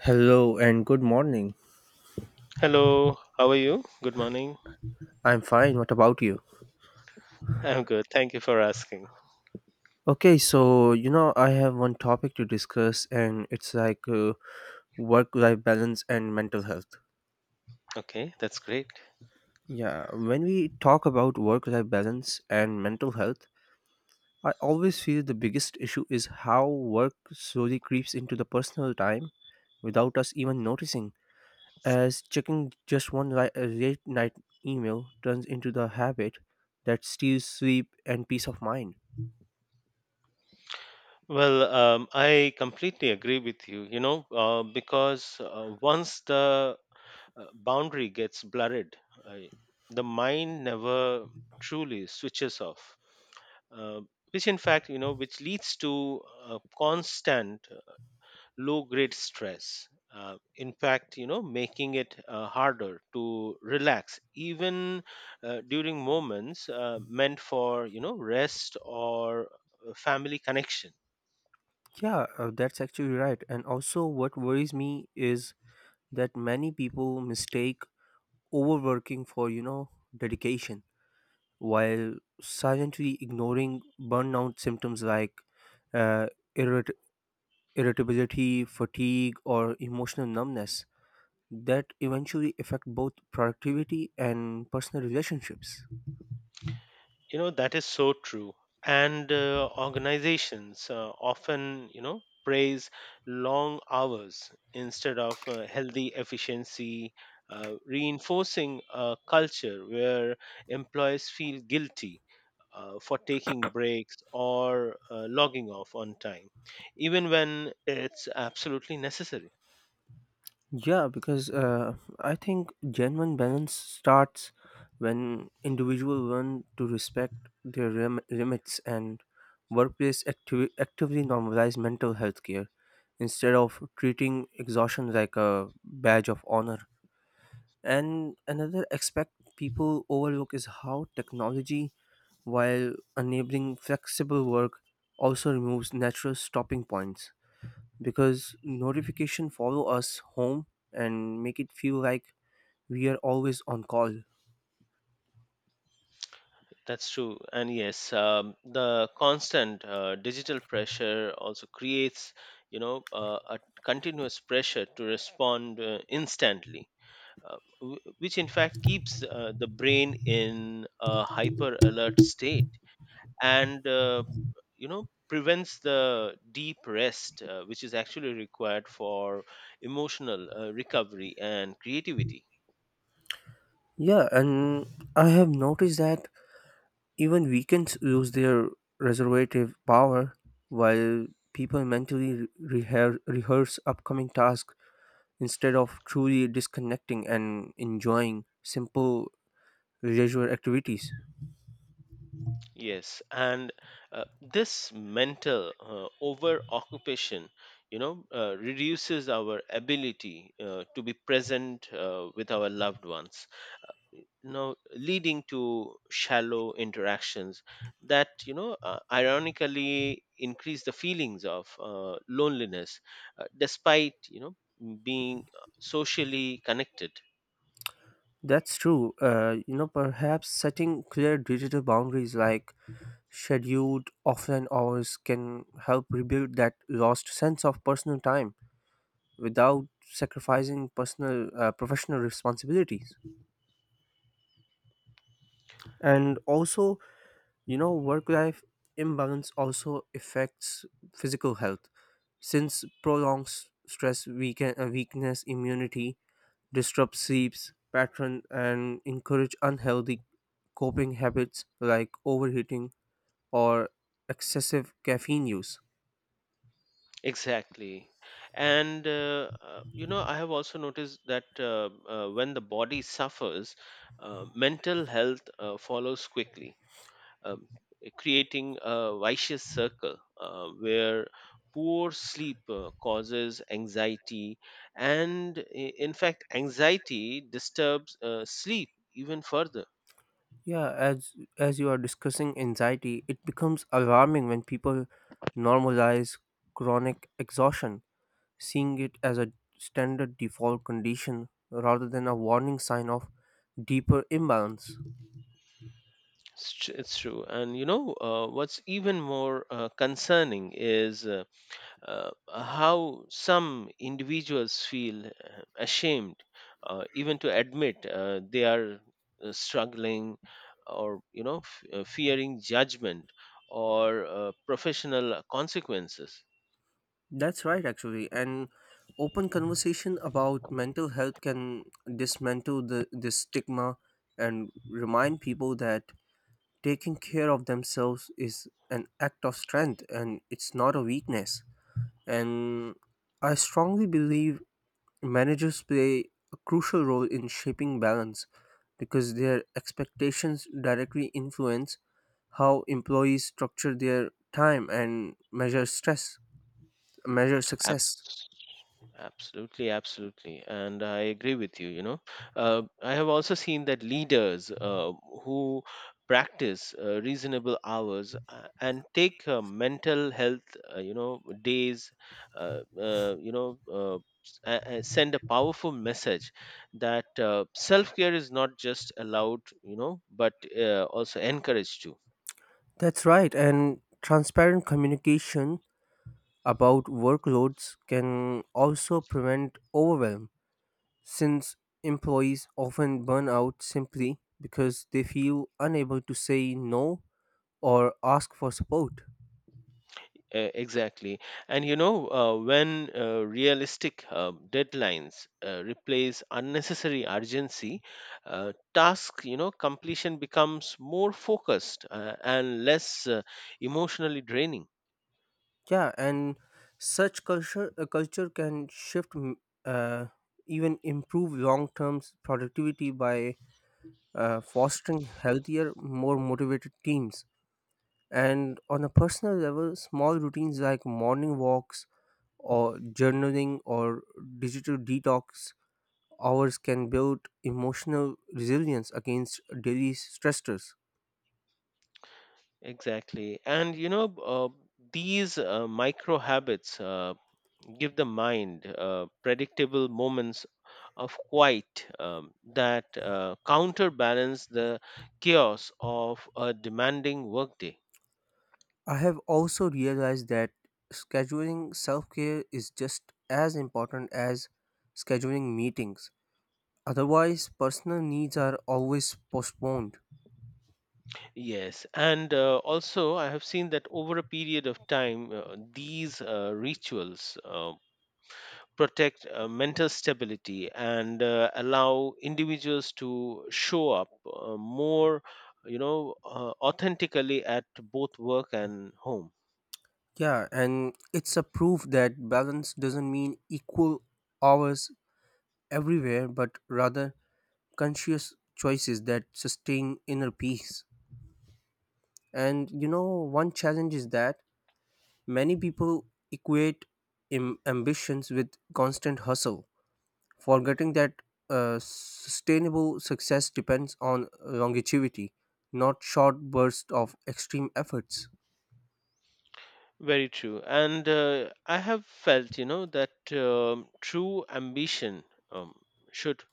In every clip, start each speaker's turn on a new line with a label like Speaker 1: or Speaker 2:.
Speaker 1: Hello and good morning.
Speaker 2: Hello, how are you? Good morning.
Speaker 1: I'm fine. What about you?
Speaker 2: I'm good. Thank you for asking.
Speaker 1: Okay, so I have one topic to discuss, and it's like work life balance and mental health.
Speaker 2: Okay, that's great.
Speaker 1: Yeah, when we talk about work life balance and mental health, I always feel the biggest issue is how work slowly creeps into the personal time without us even noticing. As checking just late night email turns into the habit that steals sleep and peace of mind.
Speaker 2: Well, I completely agree with you, because once the boundary gets blurred, uh, the mind never truly switches off, uh, which in fact, you know, which leads to a constant low grade stress, in fact making it harder to relax even during moments meant for rest or family connection.
Speaker 1: Yeah, that's actually right. And also, what worries me is that many people mistake overworking for, you know, dedication while silently ignoring burnout symptoms like uh, irrit- irritability, fatigue, or emotional numbness that eventually affect both productivity and personal relationships.
Speaker 2: That is so true. And organizations often praise long hours instead of healthy efficiency, reinforcing a culture where employees feel guilty for taking breaks or logging off on time, even when it's absolutely necessary.
Speaker 1: Yeah, because I think genuine balance starts when individuals learn to respect their limits and workplace actively normalize mental health care instead of treating exhaustion like a badge of honor. And another aspect people overlook is how technology, while enabling flexible work, also removes natural stopping points because notification follow us home and make it feel like we are always on call.
Speaker 2: That's true. And yes, the constant digital pressure also creates, a continuous pressure to respond instantly. Which in fact keeps the brain in a hyper alert state, and prevents the deep rest which is actually required for emotional recovery and creativity.
Speaker 1: Yeah, and I have noticed that even weekends lose their reservative power while people mentally rehearse upcoming tasks instead of truly disconnecting and enjoying simple leisure activities.
Speaker 2: Yes, and uh, this mental over occupation reduces our ability to be present with our loved ones, now leading to shallow interactions that ironically increase the feelings of loneliness, despite being socially connected.
Speaker 1: That's true. You know, perhaps setting clear digital boundaries like scheduled offline hours can help rebuild that lost sense of personal time without sacrificing personal professional responsibilities. And also, you know, work-life imbalance also affects physical health since prolonged weakness immunity, disrupts sleeps pattern and encourage unhealthy coping habits like overheating or excessive caffeine use.
Speaker 2: Exactly. And I have also noticed that when the body suffers, mental health follows quickly, um, creating a vicious circle where poor sleep causes anxiety, and in fact anxiety disturbs sleep even further.
Speaker 1: Yeah, as you are discussing anxiety, it becomes alarming when people normalize chronic exhaustion, seeing it as a standard default condition rather than a warning sign of deeper imbalance.
Speaker 2: It's true. And what's even more concerning is, how some individuals feel ashamed, even to admit they are struggling, or fearing judgment, or professional consequences.
Speaker 1: That's right actually, and open conversation about mental health can dismantle the this stigma and remind people that taking care of themselves is an act of strength and it's not a weakness. And I strongly believe managers play a crucial role in shaping balance because their expectations directly influence how employees structure their time and measure success.
Speaker 2: Absolutely, absolutely. And I agree with you. I have also seen that leaders who practice reasonable hours, and take mental health, days, send a powerful message that self care is not just allowed, but also encouraged too.
Speaker 1: That's right, and transparent communication about workloads can also prevent overwhelm since employees often burn out simply because they feel unable to say no or ask for support.
Speaker 2: Exactly. And when realistic deadlines replace unnecessary urgency, task completion becomes more focused, and less emotionally draining.
Speaker 1: Yeah, and such culture culture can shift, uh, even improve long term productivity by fostering healthier, more motivated teams. And on a personal level, small routines like morning walks or journaling or digital detox hours can build emotional resilience against daily stressors.
Speaker 2: Exactly. And these micro habits give the mind predictable moments of quiet, that counterbalance the chaos of a demanding workday.
Speaker 1: I have also realized that scheduling self care is just as important as scheduling meetings. Otherwise, personal needs are always postponed.
Speaker 2: Yes, and also I have seen that over a period of time, these rituals protect mental stability, and allow individuals to show up more, authentically at both work and home.
Speaker 1: Yeah, and it's a proof that balance doesn't mean equal hours everywhere, but rather conscious choices that sustain inner peace. And you know, one challenge is that many people equate ambitions with constant hustle forgetting that sustainable success depends on longevity, not short bursts of extreme efforts.
Speaker 2: Very true. And I have felt, that true ambition um, should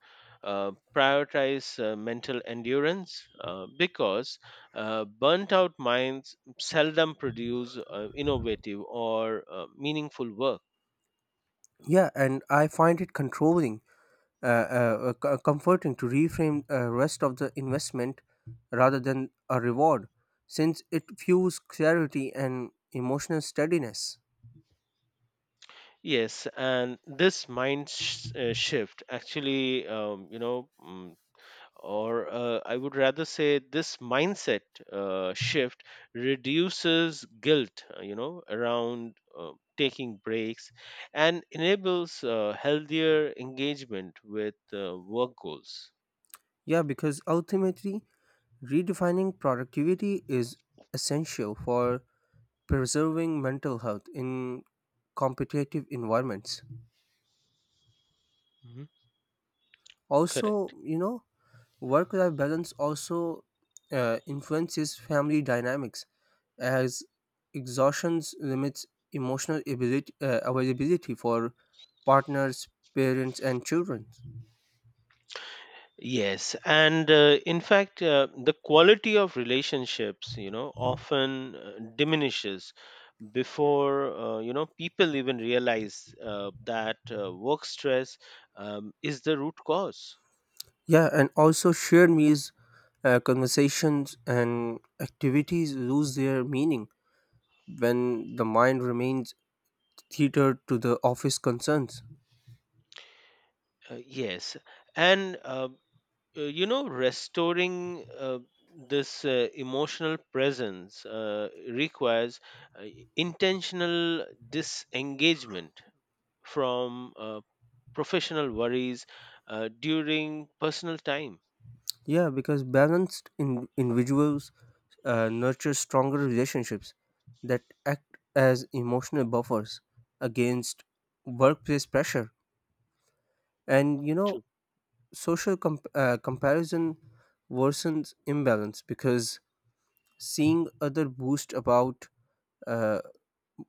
Speaker 2: prioritize mental endurance, because burnt out minds seldom produce innovative or meaningful work.
Speaker 1: Yeah, and I find it comforting to reframe rest of the investment rather than a reward, since it fuels clarity and emotional steadiness.
Speaker 2: Yes, and this shift actually, you know, mm, or I would rather say this mindset shift reduces guilt, around taking breaks, and enables healthier engagement with work goals.
Speaker 1: Yeah, because ultimately, redefining productivity is essential for preserving mental health in competitive environments.
Speaker 2: Hmm. Correct.
Speaker 1: Also, you know, work life balance also influences family dynamics as exhaustion limits availability for partners, parents, and children.
Speaker 2: Yes, and in fact, the quality of relationships, often diminishes before people even realize that work stress is the root cause.
Speaker 1: Yeah, and also shared meals, conversations, and activities lose their meaning when the mind remains tethered to the office concerns.
Speaker 2: Yes, and restoring this emotional presence requires uh, intentional disengagement from professional worries during personal time.
Speaker 1: Yeah, because balanced individuals nurture stronger relationships that act as emotional buffers against workplace pressure. And you know, social comparison worsens imbalance because seeing other boost about uh,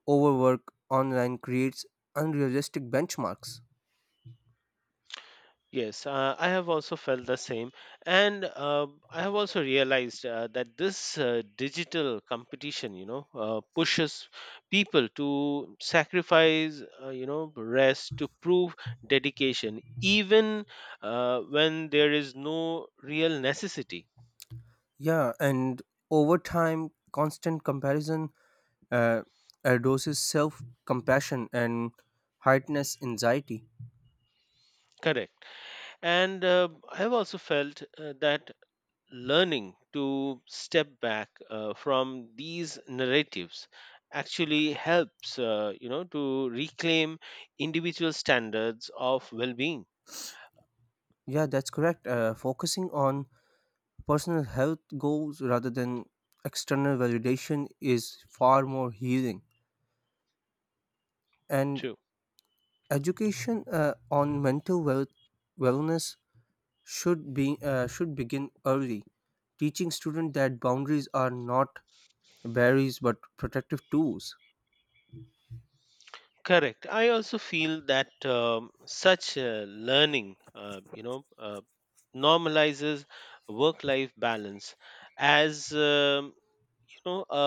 Speaker 1: overwork online creates unrealistic benchmarks.
Speaker 2: Yes, I have also felt the same. And I have also realized that this digital competition, pushes people to sacrifice, rest to prove dedication, even when there is no real necessity.
Speaker 1: Yeah, and over time, constant comparison uh, doses self compassion and heightens anxiety.
Speaker 2: Correct. And I have also felt that learning to step back from these narratives actually helps to reclaim individual standards of well-being.
Speaker 1: Yeah, that's correct. Focusing on personal health goals rather than external validation is far more healing. And
Speaker 2: True.
Speaker 1: education on wellness should begin early, teaching students that boundaries are not barriers but protective tools.
Speaker 2: Correct. I also feel that such learning normalizes work life balance as, a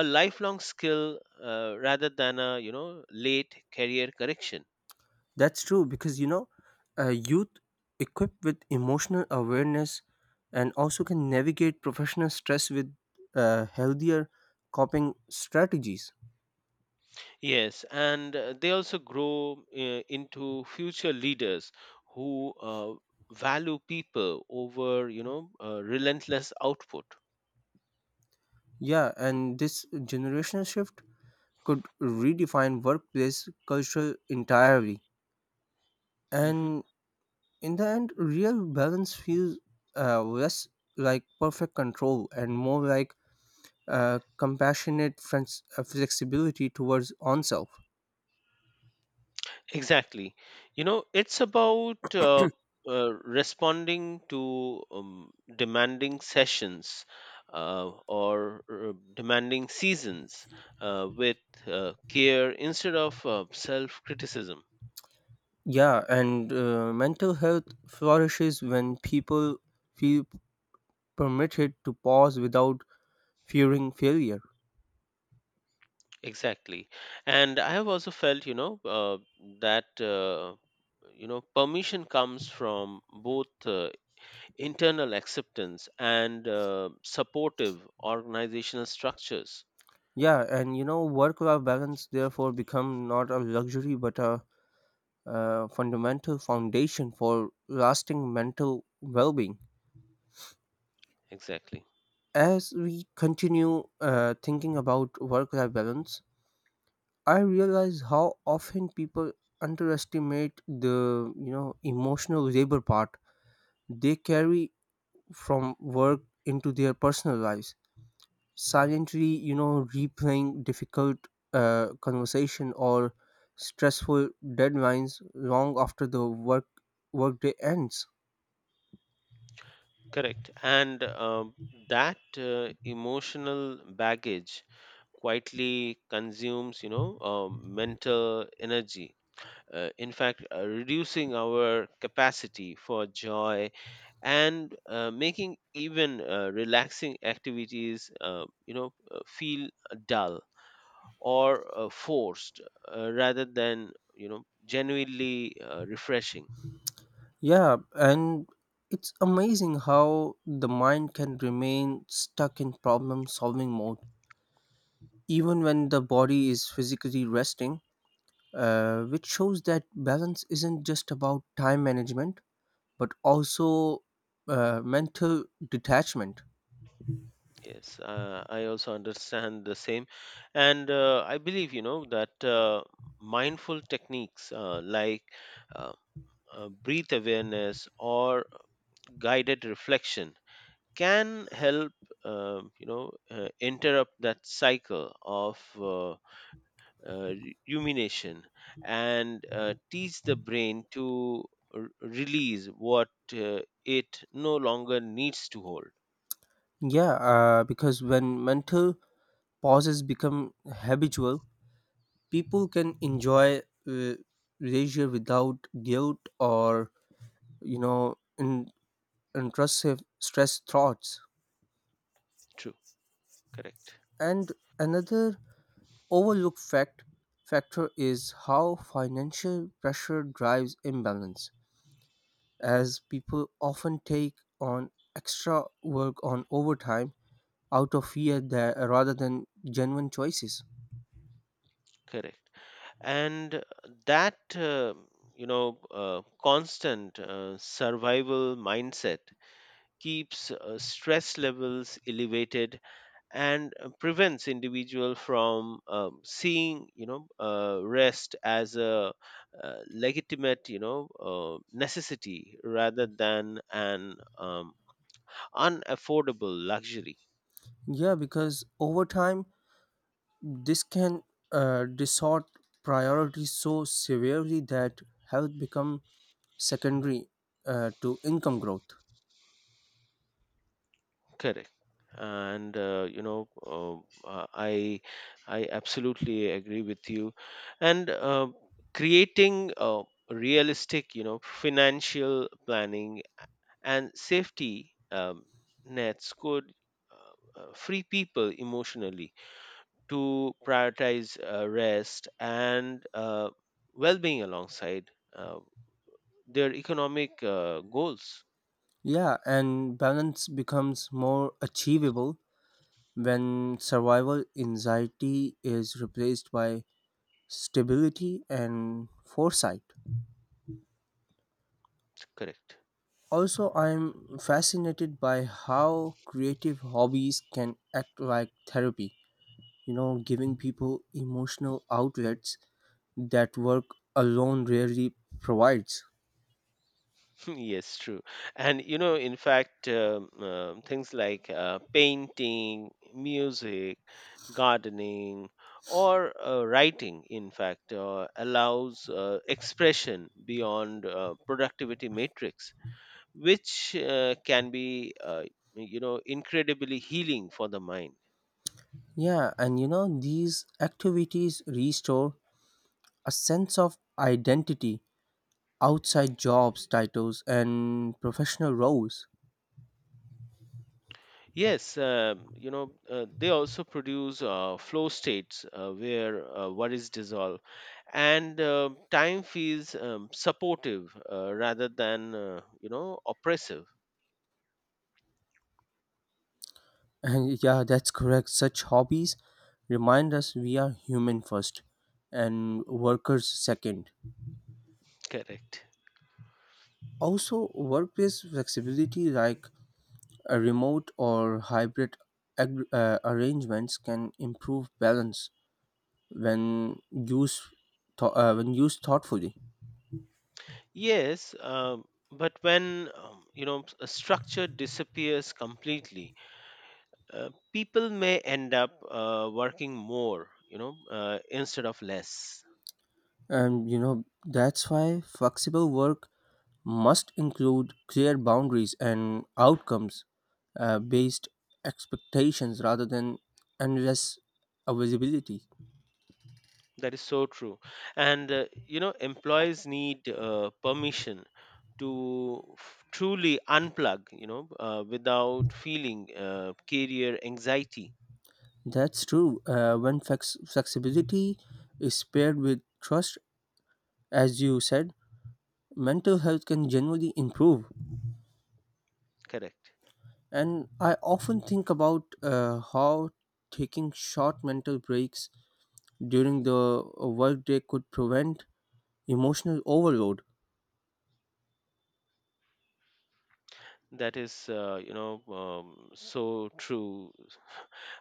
Speaker 2: a lifelong skill, rather than a late career correction.
Speaker 1: That's true because you know, youth equipped with emotional awareness and also can navigate professional stress with healthier coping strategies.
Speaker 2: Yes, and they also grow into future leaders who value people over, relentless output.
Speaker 1: Yeah, and this generational shift could redefine workplace culture entirely.
Speaker 2: Hmm.
Speaker 1: And in the end, real balance feels less like perfect control and more like flexibility towards oneself.
Speaker 2: Exactly. It's about responding to demanding sessions or demanding seasons with care instead of self criticism.
Speaker 1: Yeah, and mental health flourishes when people feel permitted to pause without fearing failure.
Speaker 2: Exactly. And I have also felt, that, permission comes from both internal acceptance, and supportive organizational structures.
Speaker 1: Yeah, and you know, work life balance therefore become not a luxury but a fundamental foundation for lasting mental well being.
Speaker 2: Exactly.
Speaker 1: As we continue thinking about work life balance, I realize how often people underestimate the emotional labor part they carry from work into their personal lives silently replaying difficult conversation or stressful deadlines long after the workday ends.
Speaker 2: Correct. And that emotional baggage quietly consumes, mental energy, in fact, reducing our capacity for joy, and making even relaxing activities, feel dull or forced, rather than, genuinely refreshing.
Speaker 1: Yeah, and it's amazing how the mind can remain stuck in problem solving mode even when the body is physically resting, which shows that balance isn't just about time management but also mental detachment.
Speaker 2: Yes, I also understand the same. And I believe, that mindful techniques like uh, breath awareness or guided reflection can help interrupt that cycle of uh, rumination, and teach the brain to release what it no longer needs to hold.
Speaker 1: Yeah, because when mental pauses become habitual, people can enjoy uh, leisure without guilt or you know in, intrusive stress thoughts.
Speaker 2: True. Correct.
Speaker 1: And another overlooked factor is how financial pressure drives imbalance, as people often take on extra work on overtime out of fear that rather than genuine choices.
Speaker 2: Correct. And that constant survival mindset keeps stress levels elevated, and prevents individual from seeing rest as a legitimate necessity rather than an unaffordable luxury.
Speaker 1: Yeah, because overtime this can distort priorities so severely that health becomes secondary to income growth.
Speaker 2: Correct. And uh, i I absolutely agree with you. And creating realistic financial planning and safety nets could, free people emotionally to prioritize rest and well-being alongside uh, their economic goals.
Speaker 1: Yeah, and balance becomes more achievable when survival anxiety is replaced by stability and foresight.
Speaker 2: Correct.
Speaker 1: Also, I'm fascinated by how creative hobbies can act like therapy, you know, giving people emotional outlets that work alone rarely provides.
Speaker 2: Yes, true. And in fact, things like painting, music, gardening, or writing in fact allows expression beyond productivity matrix, which can be incredibly healing for the mind.
Speaker 1: Yeah, and you know, these activities restore a sense of identity outside jobs, titles, and professional roles.
Speaker 2: Yes. They also produce flow states where worries dissolve, and time feels supportive, rather than oppressive.
Speaker 1: And yeah, that's correct. Such hobbies remind us we are human first and workers second.
Speaker 2: Correct.
Speaker 1: Also, workplace flexibility like a remote or hybrid arrangements can improve balance when used when used thoughtfully.
Speaker 2: Yes, but when a structure disappears completely, people may end up working more, instead of less.
Speaker 1: And you know, that's why flexible work must include clear boundaries and outcomes based expectations rather than endless availability.
Speaker 2: That is so true. And, employees need permission to truly unplug, without feeling career anxiety.
Speaker 1: That's true. When flexibility is paired with trust, as you said, mental health can generally improve.
Speaker 2: Correct.
Speaker 1: And I often think about how taking short mental breaks during the workday could prevent emotional overload.
Speaker 2: That is, so true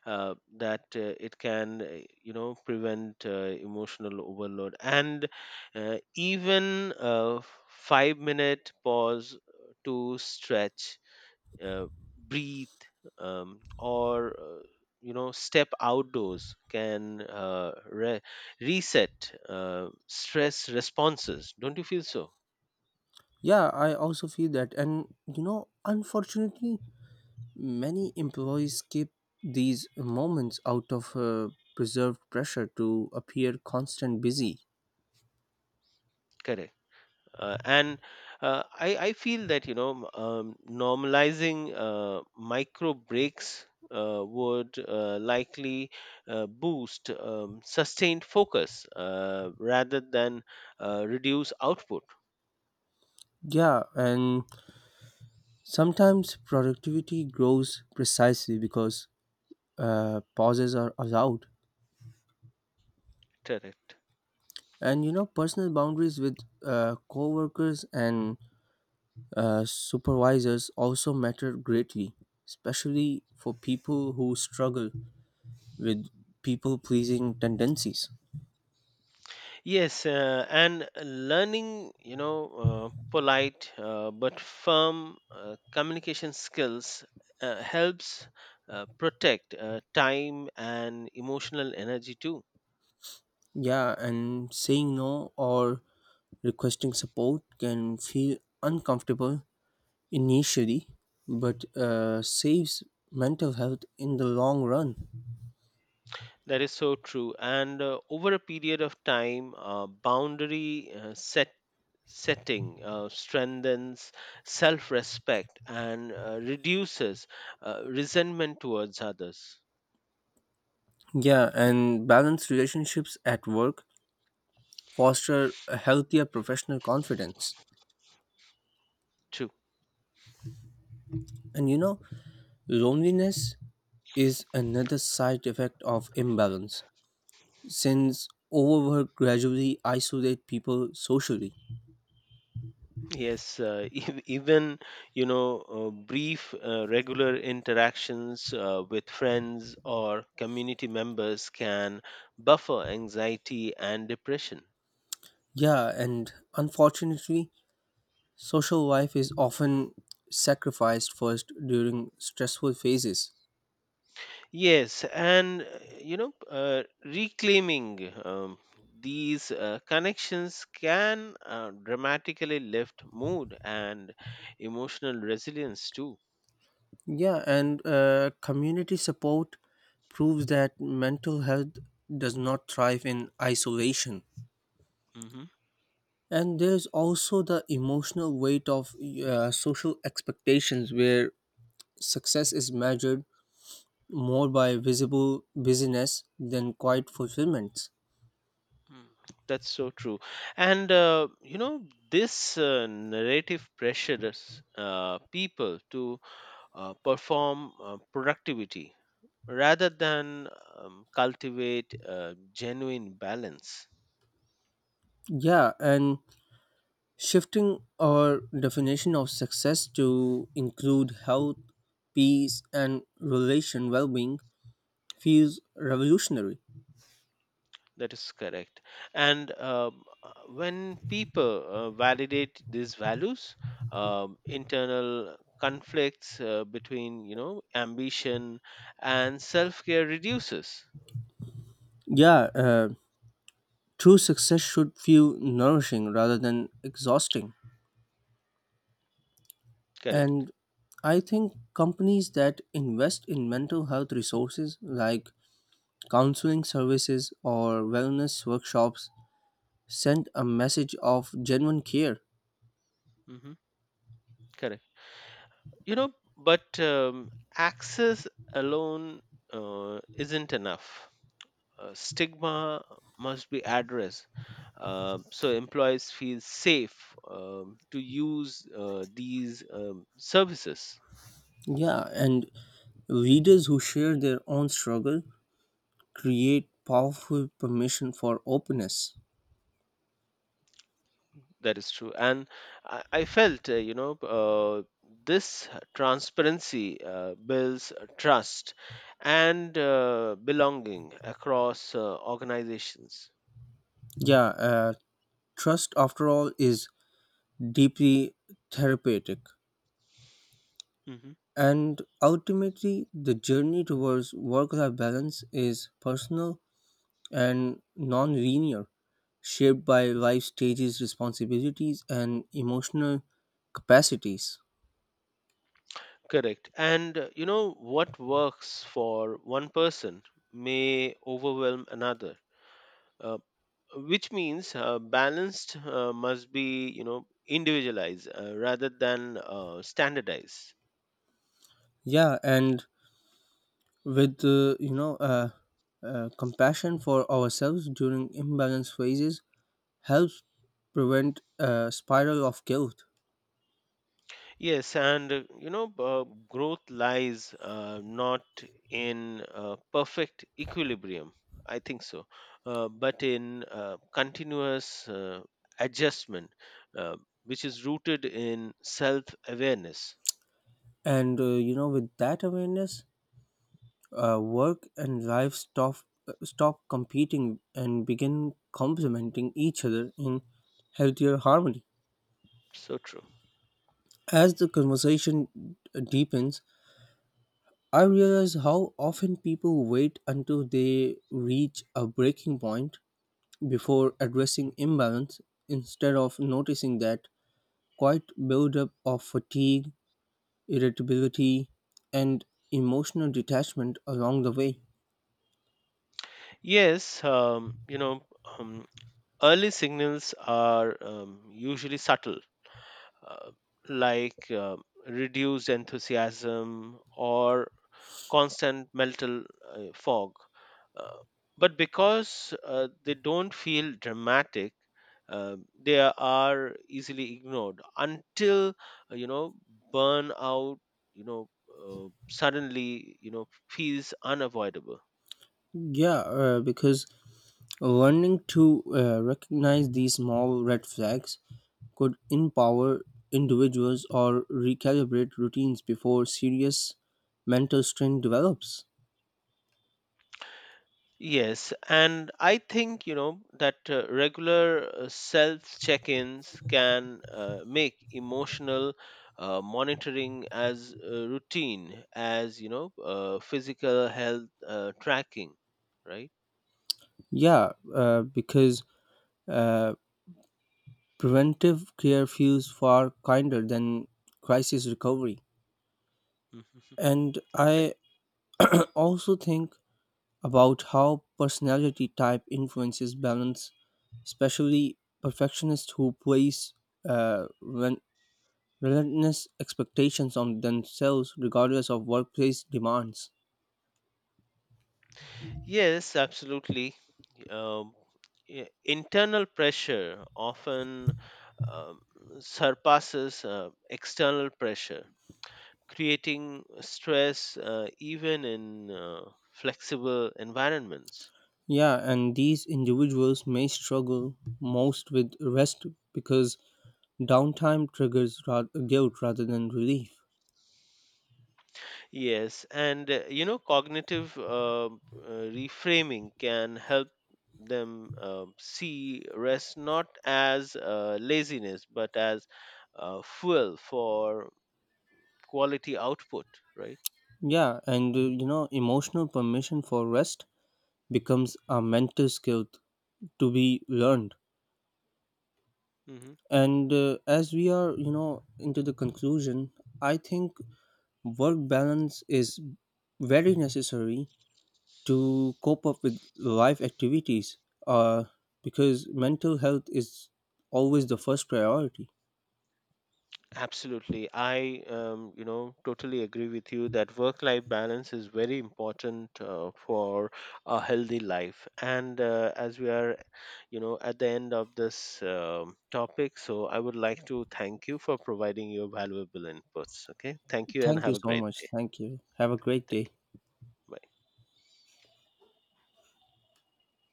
Speaker 2: that it can, prevent emotional overload. And even a 5-minute pause to stretch, uh, breathe, or step outdoors can reset stress responses. Don't you feel so?
Speaker 1: Yeah, I also feel that. And you know, unfortunately, many employees keep these moments out of preserved pressure to appear constant busy.
Speaker 2: Correct. And I feel that normalizing micro breaks would likely boost sustained focus, rather than reduce output.
Speaker 1: Yeah, and sometimes productivity grows precisely because pauses are allowed.
Speaker 2: Correct.
Speaker 1: And you know, personal boundaries with co workers and supervisors also matter greatly, especially for people who struggle with people pleasing tendencies.
Speaker 2: Yes, and learning, polite but firm communication skills helps protect time and emotional energy too.
Speaker 1: Yeah, and saying no or requesting support can feel uncomfortable initially, but saves mental health in the long run.
Speaker 2: That is so true. And over a period of time, boundary setting strengthens self-respect and reduces resentment towards others
Speaker 1: Yeah, and balanced relationships at work foster a healthier professional confidence.
Speaker 2: too.
Speaker 1: And you know, loneliness is another side effect of imbalance, since overwork gradually isolates people socially.
Speaker 2: Yes, even brief regular interactions with friends or community members can buffer anxiety and depression.
Speaker 1: Yeah, and unfortunately, social life is often sacrificed first during stressful phases.
Speaker 2: Yes, and reclaiming these connections can dramatically lift mood and emotional resilience too.
Speaker 1: Yeah, and community support proves that mental health does not thrive in isolation.
Speaker 2: Mhm.
Speaker 1: And there's also the emotional weight of social expectations, where success is measured more by visible busyness than quiet fulfillments.
Speaker 2: Mm, That's so true. And, this narrative pressures people to perform productivity rather than cultivate genuine balance.
Speaker 1: Yeah, and shifting our definition of success to include health, peace, and relation well being feels revolutionary.
Speaker 2: That is correct. And when people validate these values, internal conflicts between, ambition and self care reduces.
Speaker 1: Yeah, true success should feel nourishing rather than exhausting.
Speaker 2: Correct.
Speaker 1: And I think companies that invest in mental health resources like counseling services or wellness workshops sent a message of genuine care.
Speaker 2: Hmm. Correct. you know but access alone isn't enough. Stigma must be addressed so employees feel safe to use these services.
Speaker 1: Yeah, and readers who share their own struggle create powerful permission for openness.
Speaker 2: That is true. And I felt this transparency builds trust and belonging across organizations.
Speaker 1: Yeah, trust, after all, is deeply therapeutic.
Speaker 2: Mhm.
Speaker 1: And ultimately, the journey towards work life balance is personal and non linear, shaped by life stages, responsibilities, and emotional capacities.
Speaker 2: Correct. And you know what works for one person may overwhelm another, uh, which means balanced must be individualized, rather than standardized.
Speaker 1: Yeah, and with compassion for ourselves during imbalance phases helps prevent a spiral of guilt.
Speaker 2: Yes, and growth lies not in perfect equilibrium. I think so, but in continuous adjustment, uh, which is rooted in self-awareness.
Speaker 1: And you know, with that awareness, work and life stop stop competing and begin complementing each other in healthier harmony.
Speaker 2: So true.
Speaker 1: As the conversation deepens, I realize how often people wait until they reach a breaking point before addressing imbalance instead of noticing that quiet buildup of fatigue, irritability, and emotional detachment along the way.
Speaker 2: Yes, um, early signals are usually subtle, uh, like reduced enthusiasm or constant mental fog. Uh, but because they don't feel dramatic, they are easily ignored until uh, you know burnout You know, suddenly feels unavoidable.
Speaker 1: Yeah, because learning to recognize these small red flags could empower individuals or recalibrate routines before serious mental strain develops.
Speaker 2: Yes, and I think that regular self check ins can make emotional monitoring as routine as physical health tracking, right?
Speaker 1: Yeah, because uh, Preventive care feels far kinder than crisis recovery.
Speaker 2: Mhm.
Speaker 1: And
Speaker 2: Yeah.
Speaker 1: I also think about how personality type influences balance, especially perfectionists who place uh, ren- relentless expectations on themselves regardless of workplace demands.
Speaker 2: Yes, absolutely. Um, yeah, internal pressure often um, surpasses external pressure, creating stress even in flexible environments.
Speaker 1: Yeah, and these individuals may struggle most with rest because downtime triggers guilt rather than relief.
Speaker 2: Yes, and cognitive reframing can help them see rest not as laziness but as fuel for quality output, right?
Speaker 1: Yeah, and you know, emotional permission for rest becomes a mental skill to be learned.
Speaker 2: Mm-hmm.
Speaker 1: And as we are, you know, into the conclusion, I think work balance is very necessary to cope up with life activities uh, because mental health is always the first priority.
Speaker 2: Absolutely. I totally agree with you that work life balance is very important for a healthy life. And as we are, at the end of this topic, so I would like to thank you for providing your valuable inputs. Okay. Thank you and
Speaker 1: Thank
Speaker 2: have
Speaker 1: you
Speaker 2: a
Speaker 1: so
Speaker 2: great
Speaker 1: much.
Speaker 2: day.
Speaker 1: Thank you. Have a great
Speaker 2: Thank you.
Speaker 1: day.
Speaker 2: Bye.